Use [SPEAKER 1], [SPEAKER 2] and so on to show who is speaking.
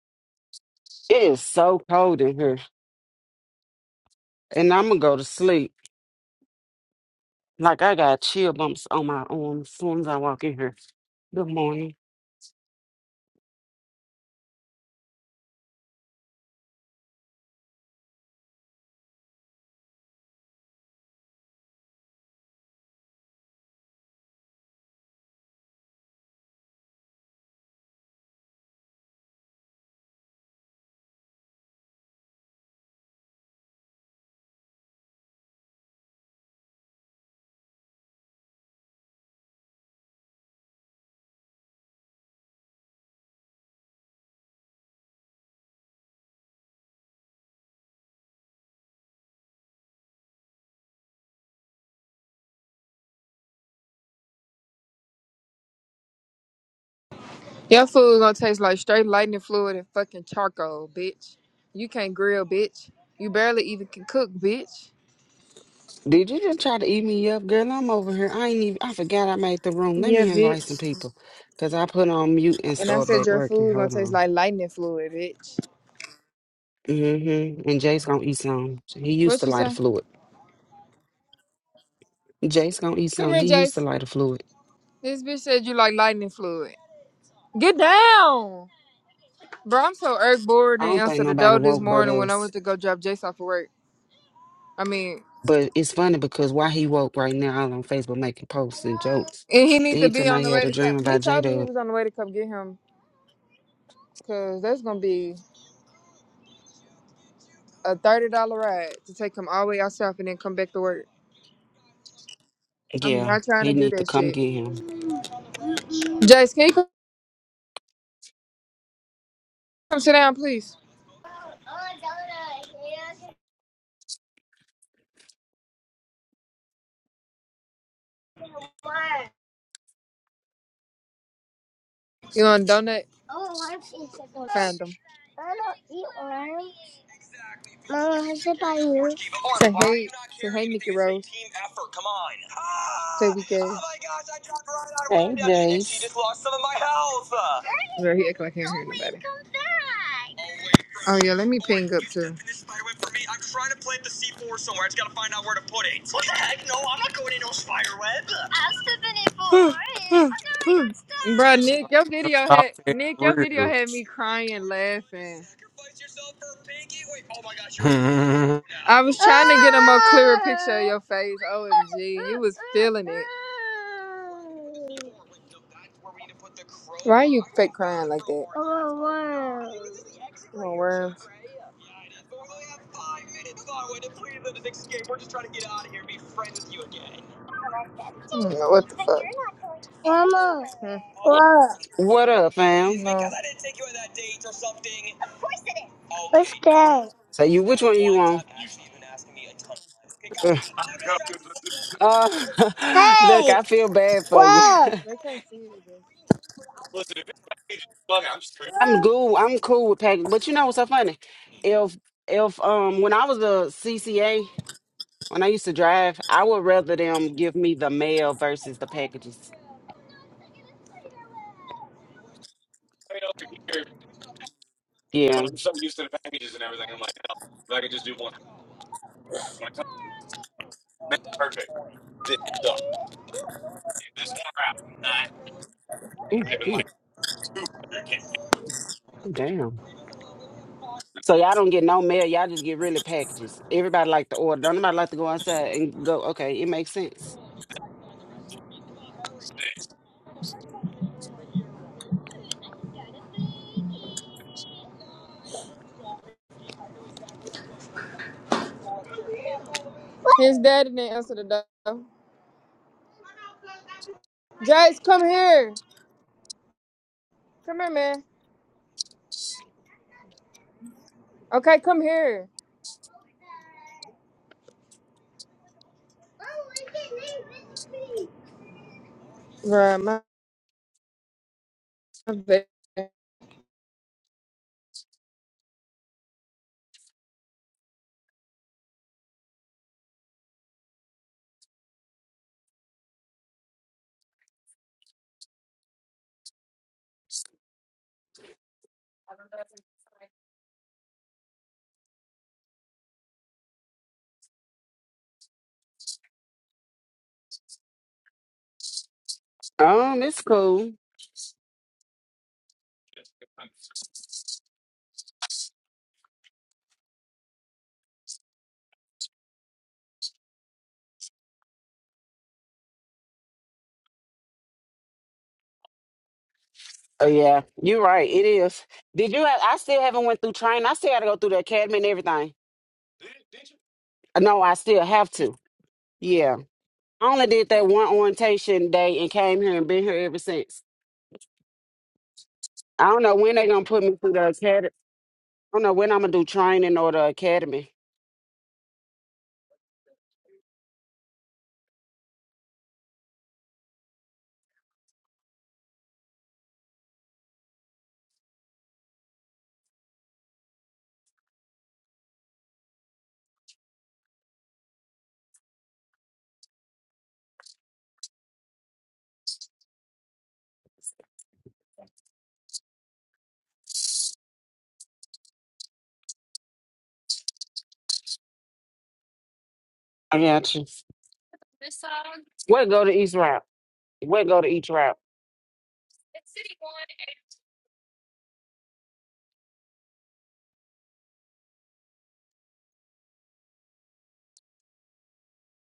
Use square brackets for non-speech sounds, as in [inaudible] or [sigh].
[SPEAKER 1] It is so cold in here, and I'm gonna go to sleep. Like I got chill bumps on my arms as soon as I walk in here. Good morning.
[SPEAKER 2] Your food gonna taste like straight lightning fluid and fucking charcoal, bitch. You can't grill, bitch. You barely even can cook, bitch.
[SPEAKER 1] Did you just try to eat me up, girl? I'm over here. I ain't even. I forgot I made the room. Let
[SPEAKER 2] Yeah,
[SPEAKER 1] me invite
[SPEAKER 2] bitch.
[SPEAKER 1] some people, cause I put on mute and
[SPEAKER 2] And I
[SPEAKER 1] start
[SPEAKER 2] said
[SPEAKER 1] back
[SPEAKER 2] your
[SPEAKER 1] working.
[SPEAKER 2] food gonna
[SPEAKER 1] Hold
[SPEAKER 2] taste
[SPEAKER 1] on.
[SPEAKER 2] like lightning fluid, bitch.
[SPEAKER 1] Mm-hmm. And Jace gonna eat some. He used
[SPEAKER 2] What
[SPEAKER 1] to
[SPEAKER 2] you
[SPEAKER 1] light a
[SPEAKER 2] say?
[SPEAKER 1] fluid. Jace gonna eat
[SPEAKER 2] Come
[SPEAKER 1] some.
[SPEAKER 2] here,
[SPEAKER 1] He used to
[SPEAKER 2] Jace.
[SPEAKER 1] light a fluid.
[SPEAKER 2] This bitch said you like lightning fluid. Get down, bro. I'm so irk bored
[SPEAKER 1] I
[SPEAKER 2] and
[SPEAKER 1] don't think
[SPEAKER 2] answered the
[SPEAKER 1] nobody
[SPEAKER 2] door this
[SPEAKER 1] woke but
[SPEAKER 2] morning when I
[SPEAKER 1] us.
[SPEAKER 2] went to go drop Jace off of work. I mean,
[SPEAKER 1] But it's funny because while he woke right now out on Facebook making posts and jokes,
[SPEAKER 2] and he need
[SPEAKER 1] then
[SPEAKER 2] to
[SPEAKER 1] he
[SPEAKER 2] be
[SPEAKER 1] told
[SPEAKER 2] on
[SPEAKER 1] me he
[SPEAKER 2] the
[SPEAKER 1] had
[SPEAKER 2] way
[SPEAKER 1] a
[SPEAKER 2] to come.
[SPEAKER 1] dream
[SPEAKER 2] He
[SPEAKER 1] about J
[SPEAKER 2] told me he
[SPEAKER 1] Dub.
[SPEAKER 2] was on the way to come get him, cause that's gonna be. a thirty dollar ride to take him all the way out south and then come back to work. I'm
[SPEAKER 1] Yeah,
[SPEAKER 2] not trying to
[SPEAKER 1] he
[SPEAKER 2] do
[SPEAKER 1] need to
[SPEAKER 2] that
[SPEAKER 1] come
[SPEAKER 2] shit.
[SPEAKER 1] get him.
[SPEAKER 2] Jace, can you come come sit down, please? You want a donut? Find them. Say hey, say hey, Mickey Rose. Come on. Say we gay.
[SPEAKER 1] Hey Jace.
[SPEAKER 2] Girl, he acting like he ain't [sighs] for Bro,
[SPEAKER 3] South,
[SPEAKER 2] Nick, your
[SPEAKER 3] them
[SPEAKER 2] video had
[SPEAKER 3] South ain't
[SPEAKER 2] Nick, your video
[SPEAKER 3] real.
[SPEAKER 2] had me crying,
[SPEAKER 3] [laughs]
[SPEAKER 2] I was trying to get a more clearer picture of your face. OMG, you was feeling it. Why are you fake crying like that? Come on, worms. I don't know what the fuck. Mama. Hmm.
[SPEAKER 1] What up, fam?
[SPEAKER 2] No.
[SPEAKER 1] So you which one you want? Ugh. Uh [laughs] look, I feel bad for you. [laughs]
[SPEAKER 2] They can't see you. dude.
[SPEAKER 1] I'm cool. I'm cool with packing. But you know what's so funny? If if um when I was a CCA, when I used to drive, I would rather them give me the mail versus the packages. Yeah. no, Ooh, ooh, damn. So y'all don't get no mail. Y'all just get really packages. Everybody like to order. Don't nobody like to go outside and go. Okay, it makes sense.
[SPEAKER 2] His daddy didn't answer the door. Jace, come here. Come here, man. Okay, come here. Bruh, my bad.
[SPEAKER 1] Um, it's cool. Oh yeah, you're right. It is. Did you? Have, I still haven't went through training. I still got to go through the academy and everything. Uh, No, I still have to. Yeah, I only did that one orientation day and came here and been here ever since. I don't know when they are gonna put me through the academy. I don't know when I'm gonna do training or the academy. I got you. What go to each route? What go to each route?